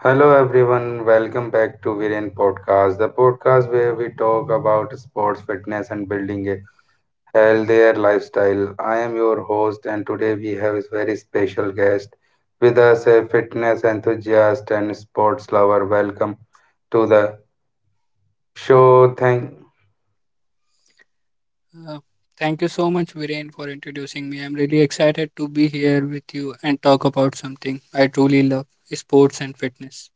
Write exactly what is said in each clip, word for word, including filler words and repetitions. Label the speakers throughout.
Speaker 1: Hello everyone, welcome back to Viren Podcast, the podcast where we talk about sports, fitness, and building a healthier lifestyle. I am your host, and today we have a very special guest with us, a fitness enthusiast and sports lover. Welcome to the show. Thank.
Speaker 2: Uh, Thank you so much, Viren, for introducing me. I'm really excited to be here with you and talk about something I truly love sports and fitness.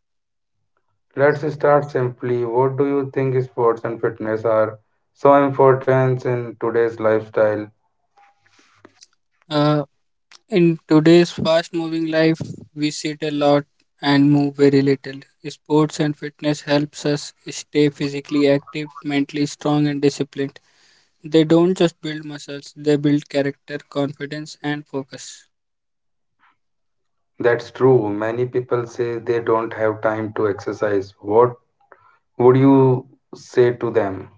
Speaker 1: Let's start simply. What do you think sports and fitness are so important in today's lifestyle?
Speaker 2: Uh, in today's fast moving life, we sit a lot and move very little. Sports and fitness helps us stay physically active, mentally strong, and disciplined. They don't just build muscles, they build character, confidence, and focus.
Speaker 1: That's true. Many people say they don't have time to exercise. What would you say to them?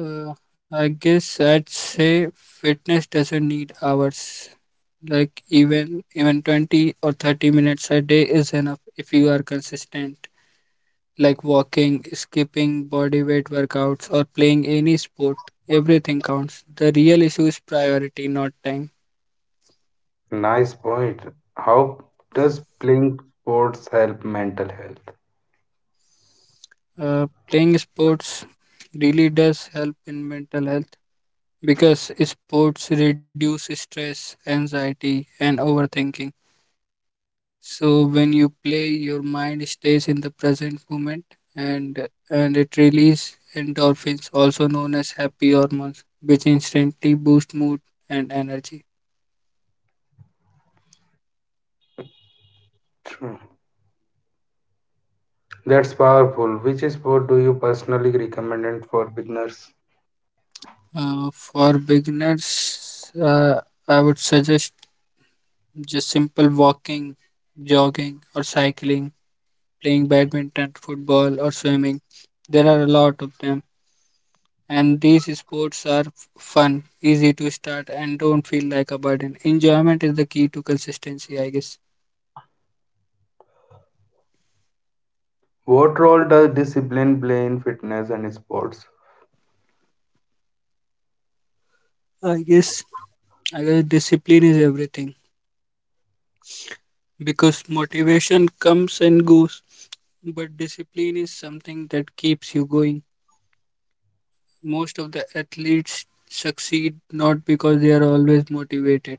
Speaker 2: Uh, I guess I'd say fitness doesn't need hours. Like even even twenty or thirty minutes a day is enough if you are consistent. Like walking, skipping, body weight workouts or playing any sport. Everything counts. The real issue is priority, not time.
Speaker 1: Nice point. How does playing sports help mental health?
Speaker 2: Uh, playing sports really does help in mental health because sports reduce stress, anxiety and overthinking. So when you play, your mind stays in the present moment and and it releases endorphins, also known as happy hormones, which instantly boost mood and energy.
Speaker 1: True. That's powerful. Which sport do you personally recommend and for beginners?
Speaker 2: Uh, for beginners, uh, I would suggest just simple walking, jogging, or cycling, playing badminton, football, or swimming. There are a lot of them and these sports are f- fun, easy to start, and don't feel like a burden. Enjoyment is the key to consistency, I guess.
Speaker 1: What role does discipline play in fitness and sports?
Speaker 2: I guess I guess discipline is everything because motivation comes and goes, but discipline is something that keeps you going. Most of the athletes succeed not because they are always motivated,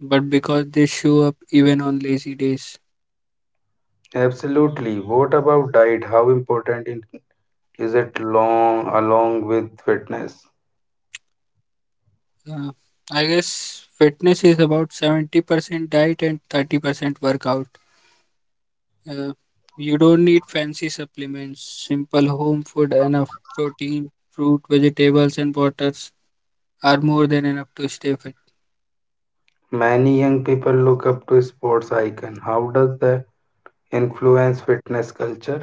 Speaker 2: but because they show up even on lazy days.
Speaker 1: Absolutely. What about diet? How important it- is it long along with fitness?
Speaker 2: Uh, I guess fitness is about seventy percent diet and thirty percent workout. Uh, you don't need fancy supplements. Simple home food, enough protein, fruit, vegetables, and waters are more than enough to stay fit.
Speaker 1: Many young people look up to sports icon. How does that influence fitness culture?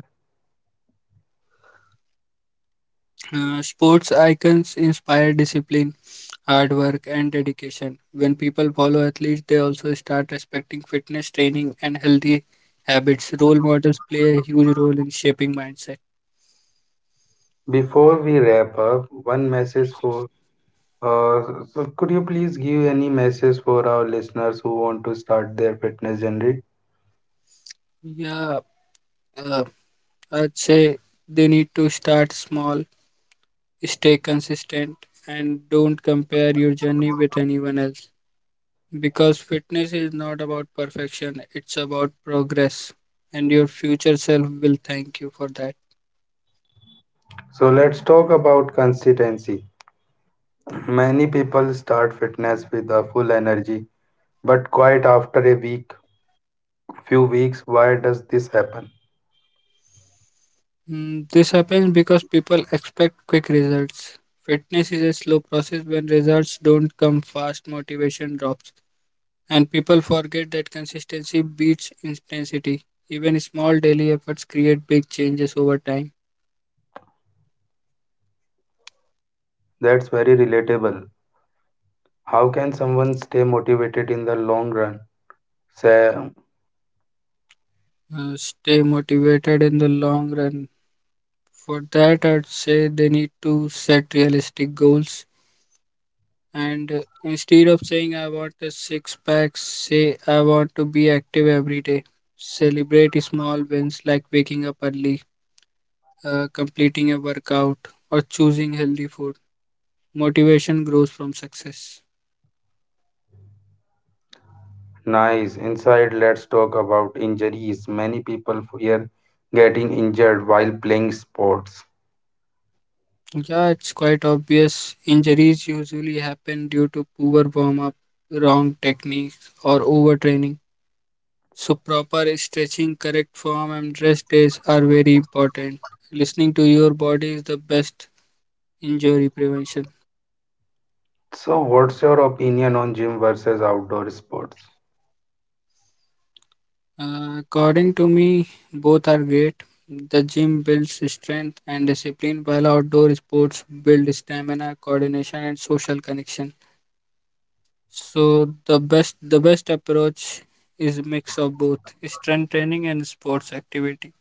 Speaker 2: Uh, sports icons inspire discipline, hard work, and dedication. When people follow athletes, they also start respecting fitness training and healthy habits. Role models play a huge role in shaping mindset.
Speaker 1: Before we wrap up, one message for uh, so could you please give any message for our listeners who want to start their fitness journey?
Speaker 2: Yeah, uh, I'd say they need to start small. Stay consistent and don't compare your journey with anyone else because fitness is not about perfection, it's about progress, and your future self will thank you for that.
Speaker 1: So let's talk about consistency. Many people start fitness with a full energy, but quite after a week, few weeks, why does this happen?
Speaker 2: Mm, this happens because people expect quick results. Fitness is a slow process. When results don't come fast, motivation drops, and people forget that consistency beats intensity. Even small daily efforts create big changes over time.
Speaker 1: That's very relatable. How can someone stay motivated in the long run? Say
Speaker 2: Uh, stay motivated in the long run. For that, I'd say they need to set realistic goals. And uh, instead of saying, I want a six pack, say, I want to be active every day. Celebrate small wins like waking up early, uh, completing a workout, or choosing healthy food. Motivation grows from success.
Speaker 1: nice. Inside, let's talk about injuries. Many people fear getting injured while playing sports.
Speaker 2: Yeah, it's quite obvious. Injuries usually happen due to poor warm up, wrong techniques, or overtraining. So proper stretching, correct form and rest days are very important. Listening to your body is the best injury prevention.
Speaker 1: So, what's your opinion on gym versus outdoor sports?
Speaker 2: Uh, according to me, both are great. The gym builds strength and discipline, while outdoor sports build stamina, coordination, and social connection. So the best the best approach is mix of both strength training and sports activity.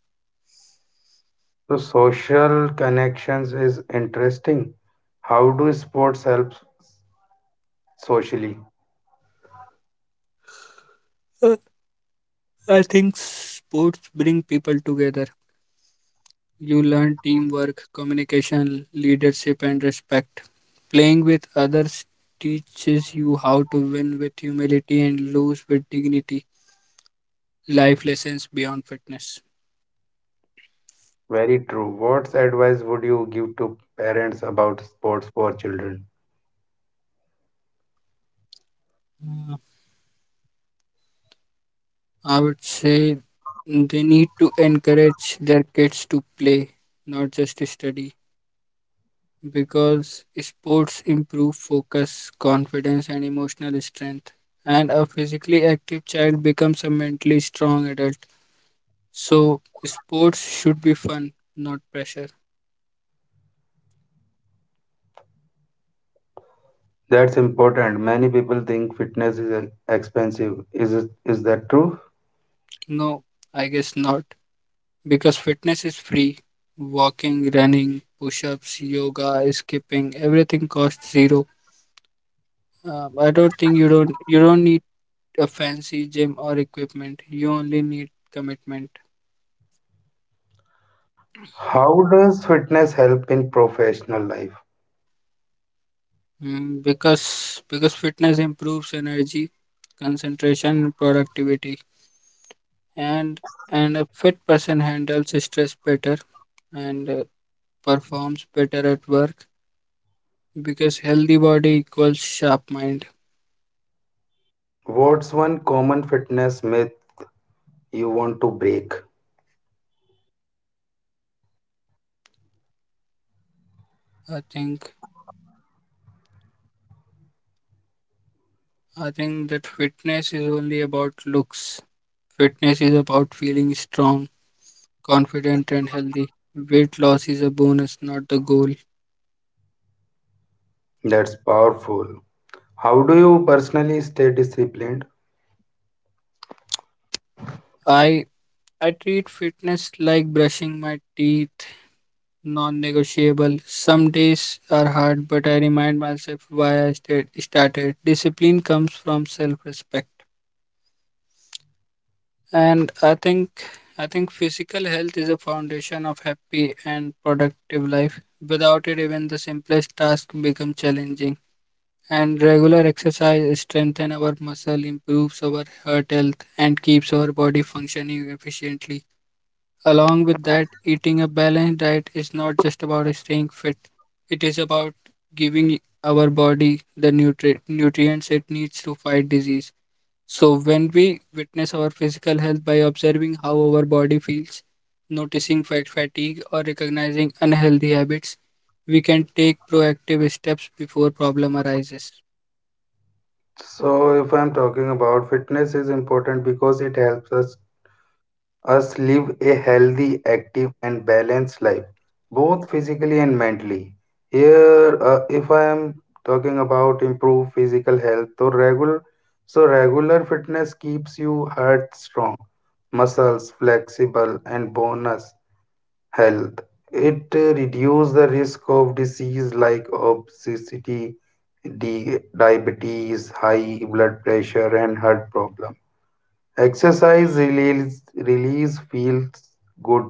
Speaker 1: So, social connections is interesting. How do sports help socially?
Speaker 2: Uh, I think sports bring people together. You learn teamwork, communication, leadership, and respect. Playing with others teaches you how to win with humility and lose with dignity. Life lessons beyond fitness.
Speaker 1: Very true. What advice would you give to parents about sports for children?
Speaker 2: I would say they need to encourage their kids to play, not just study, because sports improve focus, confidence, and emotional strength. And a physically active child becomes a mentally strong adult. So sports should be fun, not pressure.
Speaker 1: That's important. Many people think fitness is uh, expensive. Is it, is that true?
Speaker 2: No, I guess not. Because fitness is free. Walking, running, push-ups, yoga, skipping, everything costs zero. Uh, I don't think you don't you don't need a fancy gym or equipment. You only need commitment.
Speaker 1: How does fitness help in professional life?
Speaker 2: Mm, because because fitness improves energy, concentration, and productivity, and and a fit person handles stress better and uh, performs better at work because healthy body equals sharp mind.
Speaker 1: What's one common fitness myth you want to break?
Speaker 2: I think I think that fitness is only about looks. Fitness is about feeling strong, confident and healthy. Weight loss is a bonus, not the goal.
Speaker 1: That's powerful. How do you personally stay disciplined?
Speaker 2: I I treat fitness like brushing my teeth, non-negotiable. Some days are hard, but I remind myself why I sta- started. Discipline comes from self-respect. And i think i think physical health is a foundation of happy and productive life. Without it even the simplest task become challenging, and regular exercise strengthens our muscle, improves our heart health and keeps our body functioning efficiently. Along with that, eating a balanced diet is not just about staying fit, it is about giving our body the nutri- nutrients it needs to fight disease. So, when we witness our physical health by observing how our body feels, noticing fat fatigue, or recognizing unhealthy habits, we can take proactive steps before problem arises.
Speaker 1: So, if I'm talking about fitness, is important because it helps us us live a healthy, active, and balanced life, both physically and mentally. Here, uh, if I am talking about improve physical health, so regular, so regular fitness keeps you heart strong, muscles flexible, and bonus health. It uh, reduces the risk of disease like obesity, di- diabetes, high blood pressure, and heart problem. Exercise release, release feels good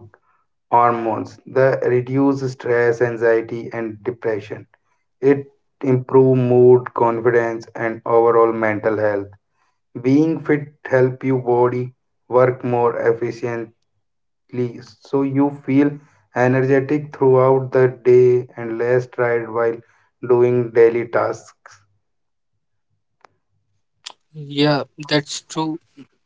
Speaker 1: hormones that reduce stress, anxiety, and depression. It improve mood, confidence, and overall mental health. Being fit help your body work more efficiently, so you feel energetic throughout the day and less tired while doing daily tasks.
Speaker 2: Yeah, that's true.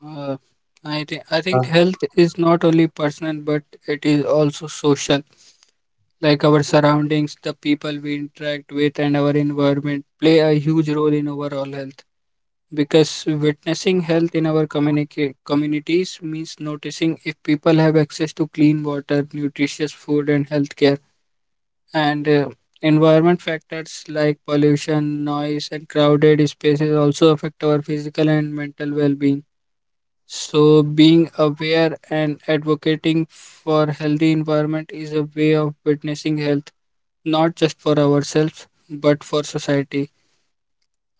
Speaker 2: Uh, I think I
Speaker 1: Uh,
Speaker 2: think health is not only personal, but it is also social. Like our surroundings, the people we interact with, and our environment play a huge role in overall health. Because witnessing health in our communica- communities means noticing if people have access to clean water, nutritious food, and healthcare. And uh, environment factors like pollution, noise, and crowded spaces also affect our physical and mental well being. So, being aware and advocating for healthy environment is a way of witnessing health, not just for ourselves, but for society.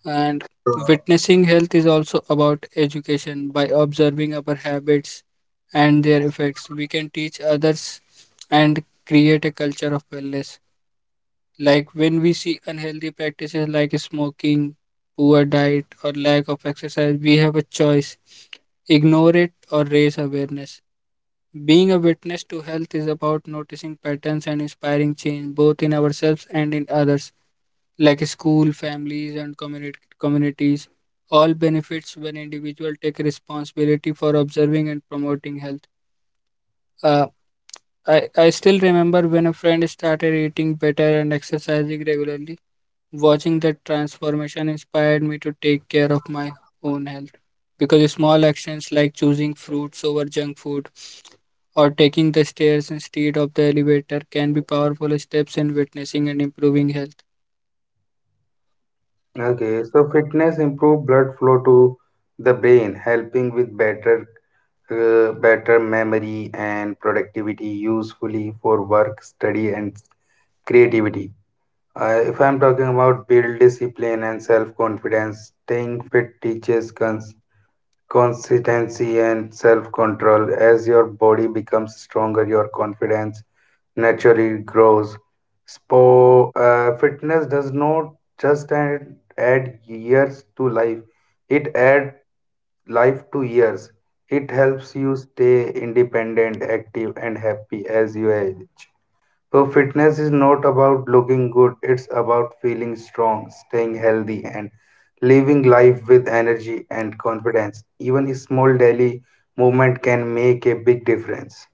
Speaker 2: And witnessing health is also about education. By observing our habits and their effects, we can teach others and create a culture of wellness. Like when we see unhealthy practices like smoking, poor diet, or lack of exercise, we have a choice, ignore it or raise awareness. Being a witness to health is about noticing patterns and inspiring change both in ourselves and in others like school, families, and community communities. All benefits when individual take responsibility for observing and promoting health. Uh, I, I still remember when a friend started eating better and exercising regularly. Watching that transformation inspired me to take care of my own health because small actions like choosing fruits over junk food or taking the stairs instead of the elevator can be powerful steps in witnessing and improving health.
Speaker 1: Okay, so fitness improve blood flow to the brain, helping with better uh, better memory and productivity usefully for work, study, and creativity. Uh, if I'm talking about build discipline and self confidence, staying fit teaches cons- consistency and self control. As your body becomes stronger, your confidence naturally grows. Spo- uh, fitness does not just add, add years to life, it adds life to years. It helps you stay independent, active, and happy as you age. So, fitness is not about looking good, it's about feeling strong, staying healthy, and living life with energy and confidence. Even a small daily movement can make a big difference.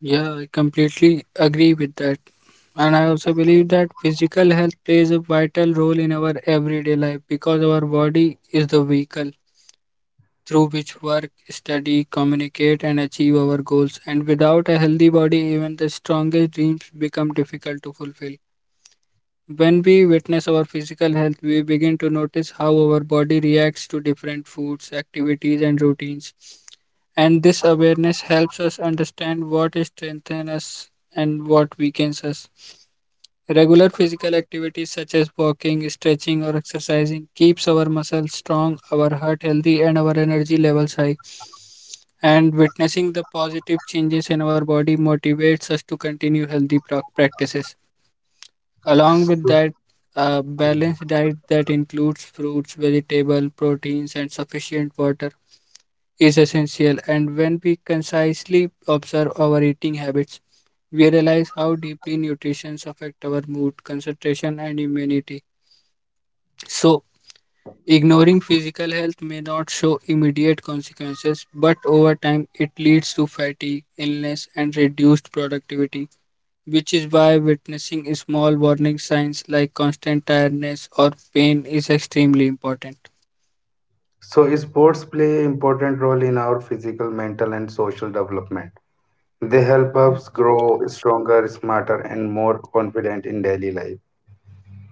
Speaker 2: Yeah, I completely agree with that. And I also believe that physical health plays a vital role in our everyday life because our body is the vehicle through which work, study, communicate, and achieve our goals. And without a healthy body, even the strongest dreams become difficult to fulfill. When we witness our physical health, we begin to notice how our body reacts to different foods, activities, and routines. And this awareness helps us understand what strengthens us and what weakens us. Regular physical activities such as walking, stretching, or exercising keeps our muscles strong, our heart healthy, and our energy levels high. And witnessing the positive changes in our body motivates us to continue healthy prac- practices. Along with that, a balanced diet that includes fruits, vegetables, proteins, and sufficient water is essential. And when we concisely observe our eating habits, we realize how deeply nutrition affects our mood, concentration, and immunity. So, ignoring physical health may not show immediate consequences, but over time, it leads to fatigue, illness, and reduced productivity, which is why witnessing small warning signs like constant tiredness or pain is extremely important.
Speaker 1: So, sports play an important role in our physical, mental, and social development. They help
Speaker 2: Mm.
Speaker 1: us grow stronger, smarter, and more confident in daily life.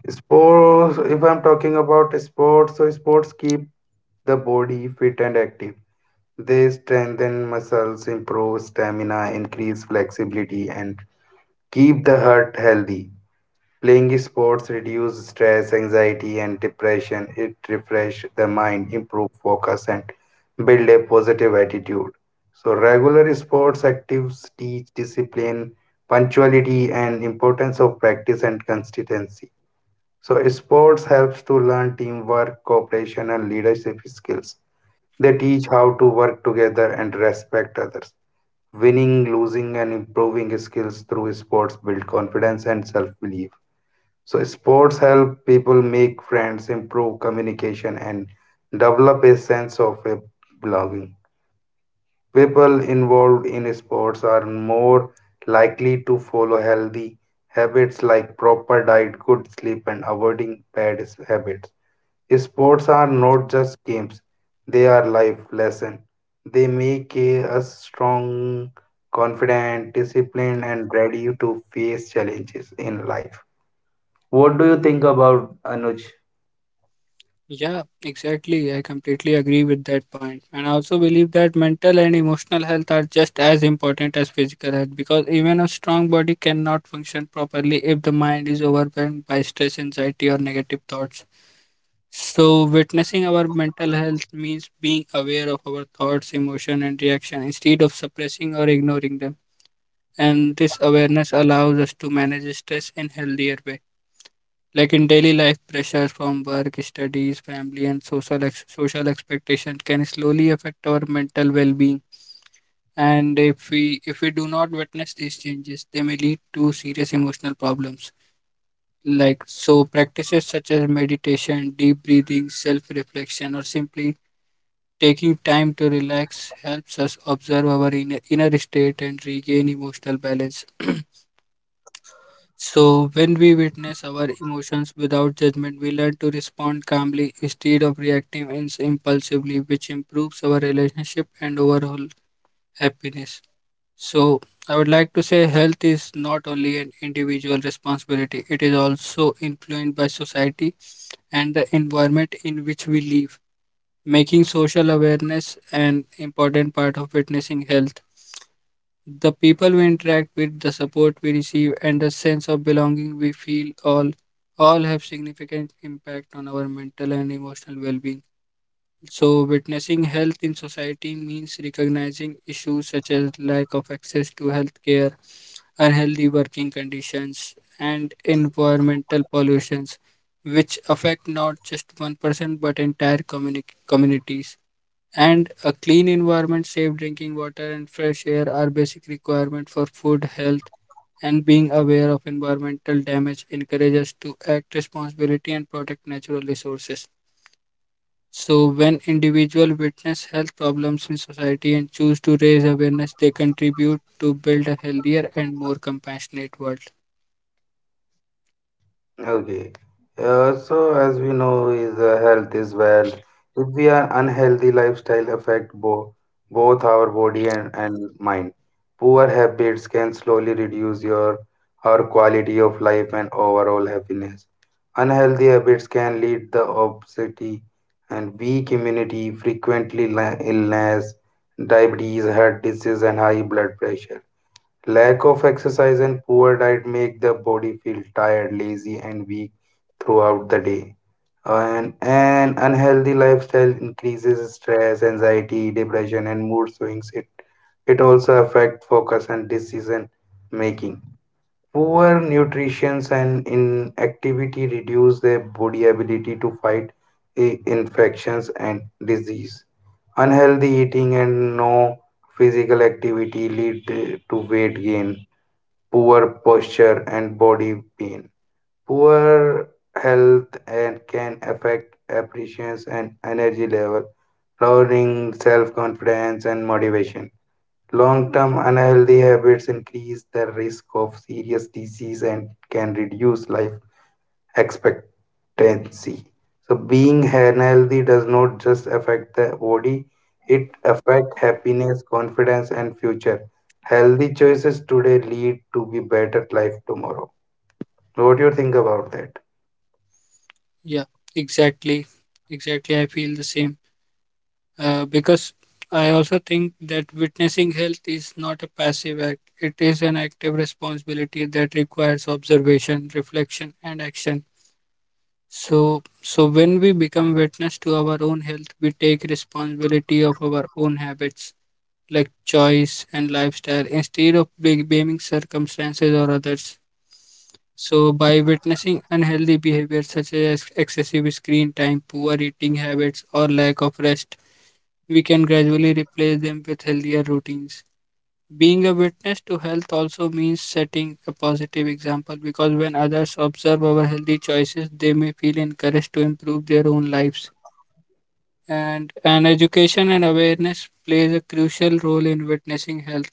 Speaker 1: Sports, if I'm talking about sports, so sports keep the body fit and active. They strengthen muscles, improve stamina, increase flexibility, and keep the heart healthy. Playing sports reduce stress, anxiety, and depression. It refresh the mind, improve focus, and build a positive attitude. So regular sports activities teach discipline, punctuality, and importance of practice and consistency. So sports helps to learn teamwork, cooperation, and leadership skills. They teach how to work together and respect others. Winning, losing, and improving skills through sports build confidence and self-belief. So sports help people make friends, improve communication, and develop a sense of a belonging. People involved in sports are more likely to follow healthy habits like proper diet, good sleep, and avoiding bad habits. Sports are not just games, they are life lessons. They make eh, us strong, confident, disciplined, and ready to face challenges in life. What do you think about Anuj?
Speaker 2: Yeah, exactly. I completely agree with that point. And I also believe that mental and emotional health are just as important as physical health because even a strong body cannot function properly if the mind is overwhelmed by stress, anxiety, or negative thoughts. So, witnessing our mental health means being aware of our thoughts, emotion, and reaction instead of suppressing or ignoring them. And this awareness allows us to manage stress in healthier way. Like in daily life, pressures from work, studies, family and social ex- social expectations can slowly affect our mental well-being, and if we if we do not witness these changes they may lead to serious emotional problems. Like, so practices such as meditation, deep breathing, self-reflection or simply taking time to relax helps us observe our inner, inner state and regain emotional balance. So, when we witness our emotions without judgment, we learn to respond calmly instead of reacting ins- impulsively, which improves our relationship and overall happiness. So, I would like to say health is not only an individual responsibility, it is also influenced by society and the environment in which we live, making social awareness an important part of witnessing health. The people we interact with, the support we receive, and the sense of belonging we feel all all have significant impact on our mental and emotional well-being. So witnessing health in society means recognizing issues such as lack of access to health care, unhealthy working conditions, and environmental pollutions, which affect not just one person but entire communi- communities. And a clean environment, safe drinking water, and fresh air are basic requirements for food health. And being aware of environmental damage encourages us to act responsibility and protect natural resources. So, when individuals witness health problems in society and choose to raise awareness, they contribute to build a healthier and more compassionate world.
Speaker 1: Okay. Uh, so as we know, is uh, health is wealth. If we are unhealthy lifestyle affect both both our body and, and mind. Poor habits can slowly reduce your our quality of life and overall happiness. Unhealthy habits can lead the obesity and weak immunity, frequently li- illness, diabetes, heart disease, and high blood pressure. Lack of exercise and poor diet make the body feel tired, lazy, and weak throughout the day. An, an unhealthy lifestyle increases stress, anxiety, depression, and mood swings. It, it also affects focus and decision making. Poor nutrition and inactivity reduce the body ability to fight i- infections and disease. Unhealthy eating and no physical activity lead to weight gain poor posture and body pain. Poor health and can affect appreciation and energy level, lowering self-confidence and motivation. Long-term unhealthy habits increase the risk of serious disease and can reduce life expectancy. So being unhealthy does not just affect the body, it affects happiness, confidence, and future. Healthy choices today lead to be better life tomorrow. What do you think about that?
Speaker 2: Yeah, exactly, exactly. I feel the same. uh, because I also think that witnessing health is not a passive act, it is an active responsibility that requires observation, reflection, and action. So, so when we become witness to our own health, we take responsibility of our own habits, like choice and lifestyle, instead of big- blaming circumstances or others. So, by witnessing unhealthy behaviors such as excessive screen time, poor eating habits, or lack of rest, we can gradually replace them with healthier routines. Being a witness to health also means setting a positive example because when others observe our healthy choices, they may feel encouraged to improve their own lives. And an education and awareness plays a crucial role in witnessing health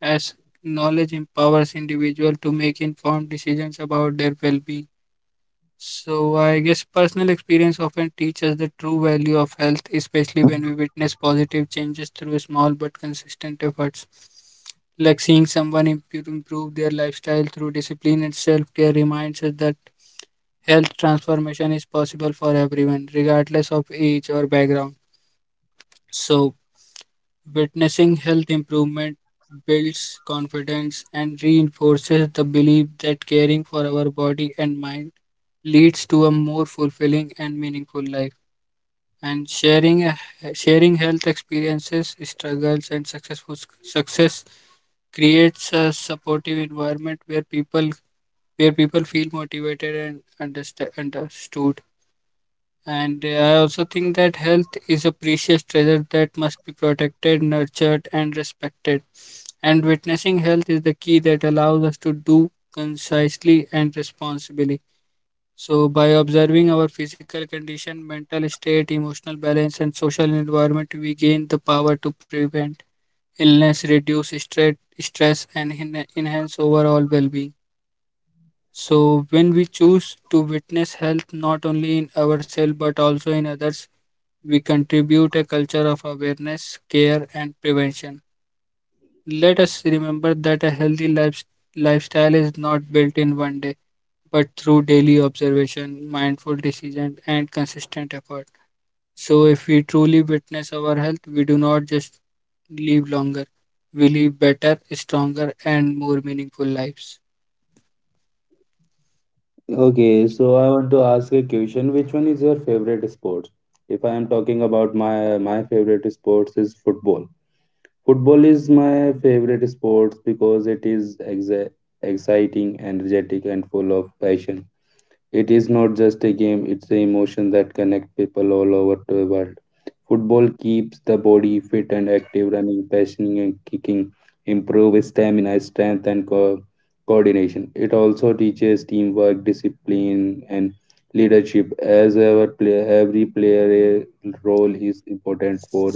Speaker 2: as knowledge empowers individuals to make informed decisions about their well-being. So, I guess personal experience often teaches the true value of health, especially when we witness positive changes through small but consistent efforts. Like seeing someone impu- improve their lifestyle through discipline and self care reminds us that health transformation is possible for everyone, regardless of age or background. So, witnessing health improvement builds confidence and reinforces the belief that caring for our body and mind leads to a more fulfilling and meaningful life. And sharing a, sharing health experiences, struggles, and successful success creates a supportive environment where people where people feel motivated and understa- understood. And uh, I also think that health is a precious treasure that must be protected, nurtured, and respected. And witnessing health is the key that allows us to do concisely and responsibly. So, by observing our physical condition, mental state, emotional balance, and social environment, we gain the power to prevent illness, reduce stre- stress, and en- enhance overall well being. So, when we choose to witness health not only in ourselves but also in others, we contribute a culture of awareness, care, and prevention. Let us remember that a healthy life, lifestyle is not built in one day, but through daily observation, mindful decision, and consistent effort. So, if we truly witness our health, we do not just live longer, we live better, stronger, and more meaningful lives.
Speaker 1: Okay, so I want to ask a question. Which one is your favorite sport? If I am talking about my my favorite sports is football. Football is my favorite sports because it is exa exciting, energetic, and full of passion. It is not just a game; it's an emotion that connects people all over the world. Football keeps the body fit and active, running, passing, and kicking improve stamina, strength, and co- coordination. It also teaches teamwork, discipline, and leadership. As our play, every player eh, role is important for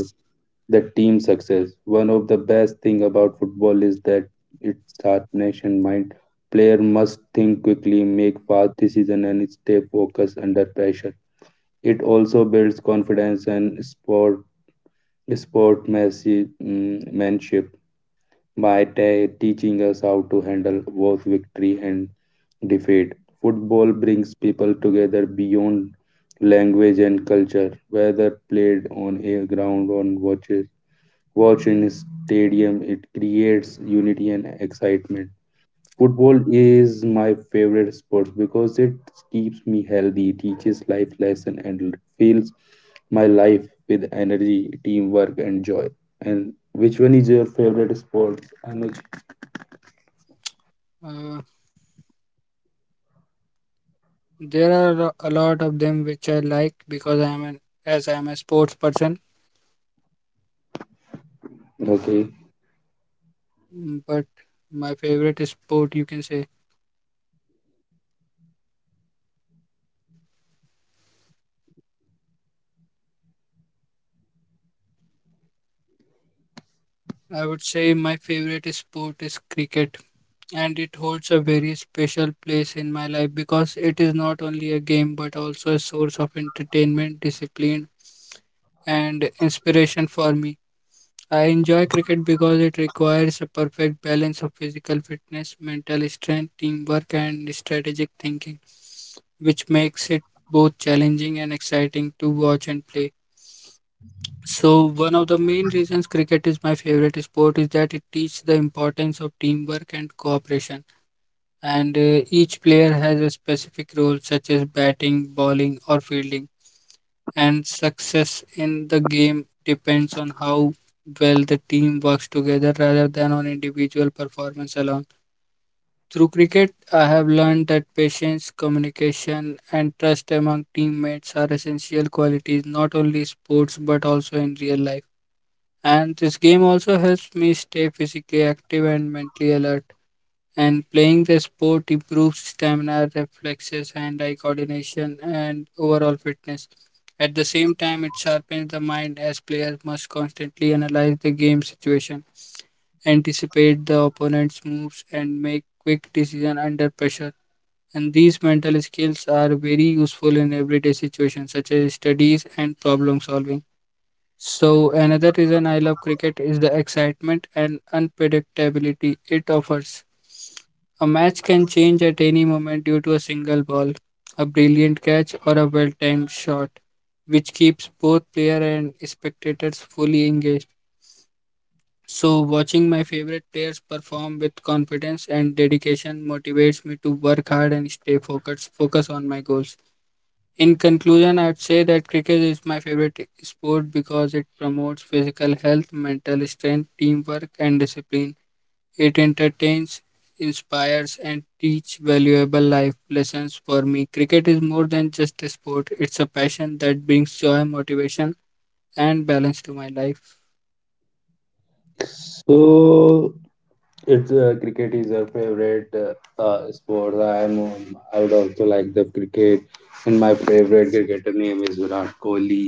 Speaker 1: the team success. One of the best thing about football is that it sharpens and mind. Player must think quickly, make fast decision, and stay focused under pressure. It also builds confidence and sport sportsmanship by ta teaching us how to handle both victory and defeat. Football brings people together beyond language and culture, whether played on a ground or watched watched in a stadium. It creates unity and excitement. Football is my favorite sport because it keeps me healthy, teaches life lesson, and fills my life with energy, teamwork, and joy. And which one is your favorite sport, Anuj?
Speaker 2: Uh, There are a lot of them which I like because I am an as I am a sports person.
Speaker 1: Okay,
Speaker 2: Mm, But my favorite sport, you can say, I would say my favorite sport is cricket, and it holds a very special place in my life because it is not only a game but also a source of entertainment, discipline, and inspiration for me. I enjoy cricket because it requires a perfect balance of physical fitness, mental strength, teamwork, and strategic thinking, which makes it both challenging and exciting to watch and play. So, one of the main reasons cricket is my favorite sport is that it teaches the importance of teamwork and cooperation. And uh, each player has a specific role, such as batting, bowling, or fielding, and success in the game depends on how well the team works together rather than on individual performance alone. Through cricket, I have learned that patience, communication, and trust among teammates are essential qualities not only in sports but also in real life. And this game also helps me stay physically active and mentally alert, and playing the sport improves stamina, reflexes, hand eye coordination, and overall fitness. At the same time, it sharpens the mind as players must constantly analyze the game situation, anticipate the opponent's moves, and make quick decisions under pressure. And these mental skills are very useful in everyday situations such as studies and problem solving. So, another reason I love cricket is the excitement and unpredictability it offers. A match can change at any moment due to a single ball, a brilliant catch, or a well timed shot, which keeps both player and spectators fully engaged. So, watching my favorite players perform with confidence and dedication motivates me to work hard and stay focused, focus on my goals. In conclusion, I'd say that cricket is my favorite sport because it promotes physical health, mental strength, teamwork, and discipline. It entertains, inspires, and teaches valuable life lessons for me. Cricket is more than just a sport, it's a passion that brings joy, motivation, and balance to my life.
Speaker 1: so it's uh, cricket is our favorite uh, uh, sport. I am um, I would also like the cricket, and my favorite cricketer name is Virat Kohli.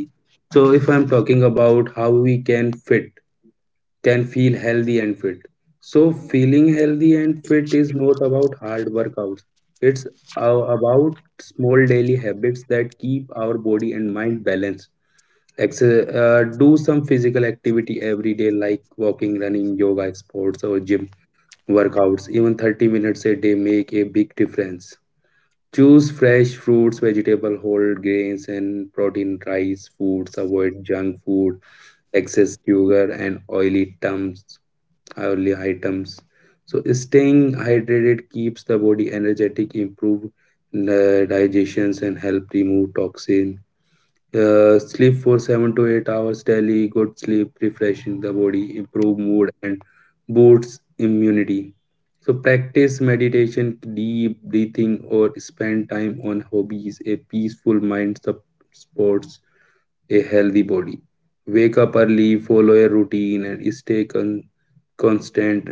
Speaker 1: So if I'm talking about how we can fit can feel healthy and fit. So, feeling healthy and fit is not about hard workouts, it's a- about small daily habits that keep our body and mind balanced. Exer- uh, do some physical activity every day, like walking, running, yoga, sports, or gym workouts. Even thirty minutes a day make a big difference. Choose fresh fruits, vegetable, whole grains, and protein rice foods. Avoid junk food, excess sugar, and oily terms oily items. So staying hydrated keeps the body energetic, improve uh, digestions, and help remove toxin. Uh, sleep for seven to eight hours daily. Good sleep refreshing the body, improve mood, and boosts immunity. So practice meditation, deep breathing, or spend time on hobbies. A peaceful mind supports a healthy body. Wake up early, follow a routine, and stay con- constant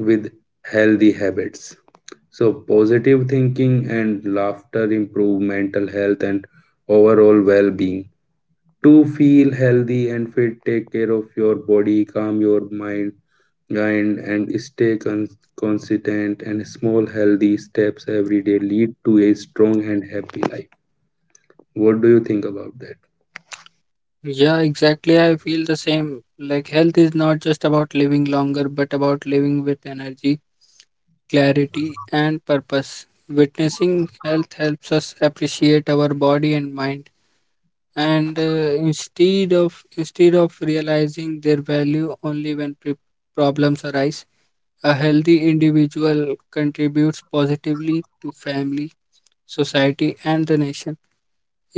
Speaker 1: with healthy habits. So, positive thinking and laughter improve mental health and overall well being. To feel healthy and fit, take care of your body, calm your mind, mind and stay con- consistent. And small, healthy steps every day lead to a strong and happy life. What do you think about that?
Speaker 2: Yeah, exactly. I feel the same. Like, health is not just about living longer, but about living with energy, clarity, and purpose. Witnessing health helps us appreciate our body and mind, and uh, instead of instead of realizing their value only when pre- problems arise, a healthy individual contributes positively to family, society, and the nation.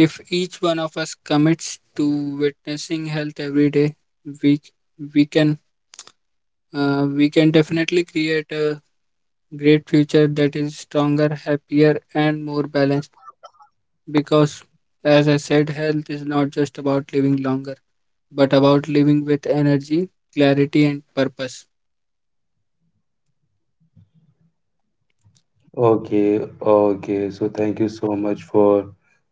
Speaker 2: If each one of us commits to witnessing health every day, we we can uh, we can definitely create a great future that is stronger, happier, and more balanced. Because, as I said, health is not just about living longer, but about living with energy, clarity, and purpose.
Speaker 1: Okay, okay. So thank you so much for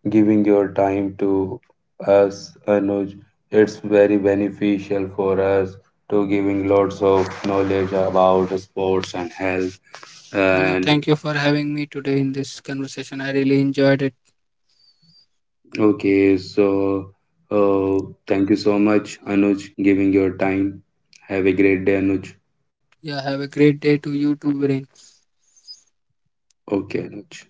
Speaker 1: giving your time to us, Anuj. It's very beneficial for us to giving lots of knowledge about sports and health.
Speaker 2: Yeah,
Speaker 1: And
Speaker 2: thank you for having me today in this conversation. I really enjoyed it.
Speaker 1: okay, so uh, thank you so much, Anuj, giving your time. Have a great day, Anuj.
Speaker 2: Yeah, have a great day to you too, Viren.
Speaker 1: Okay, Anuj.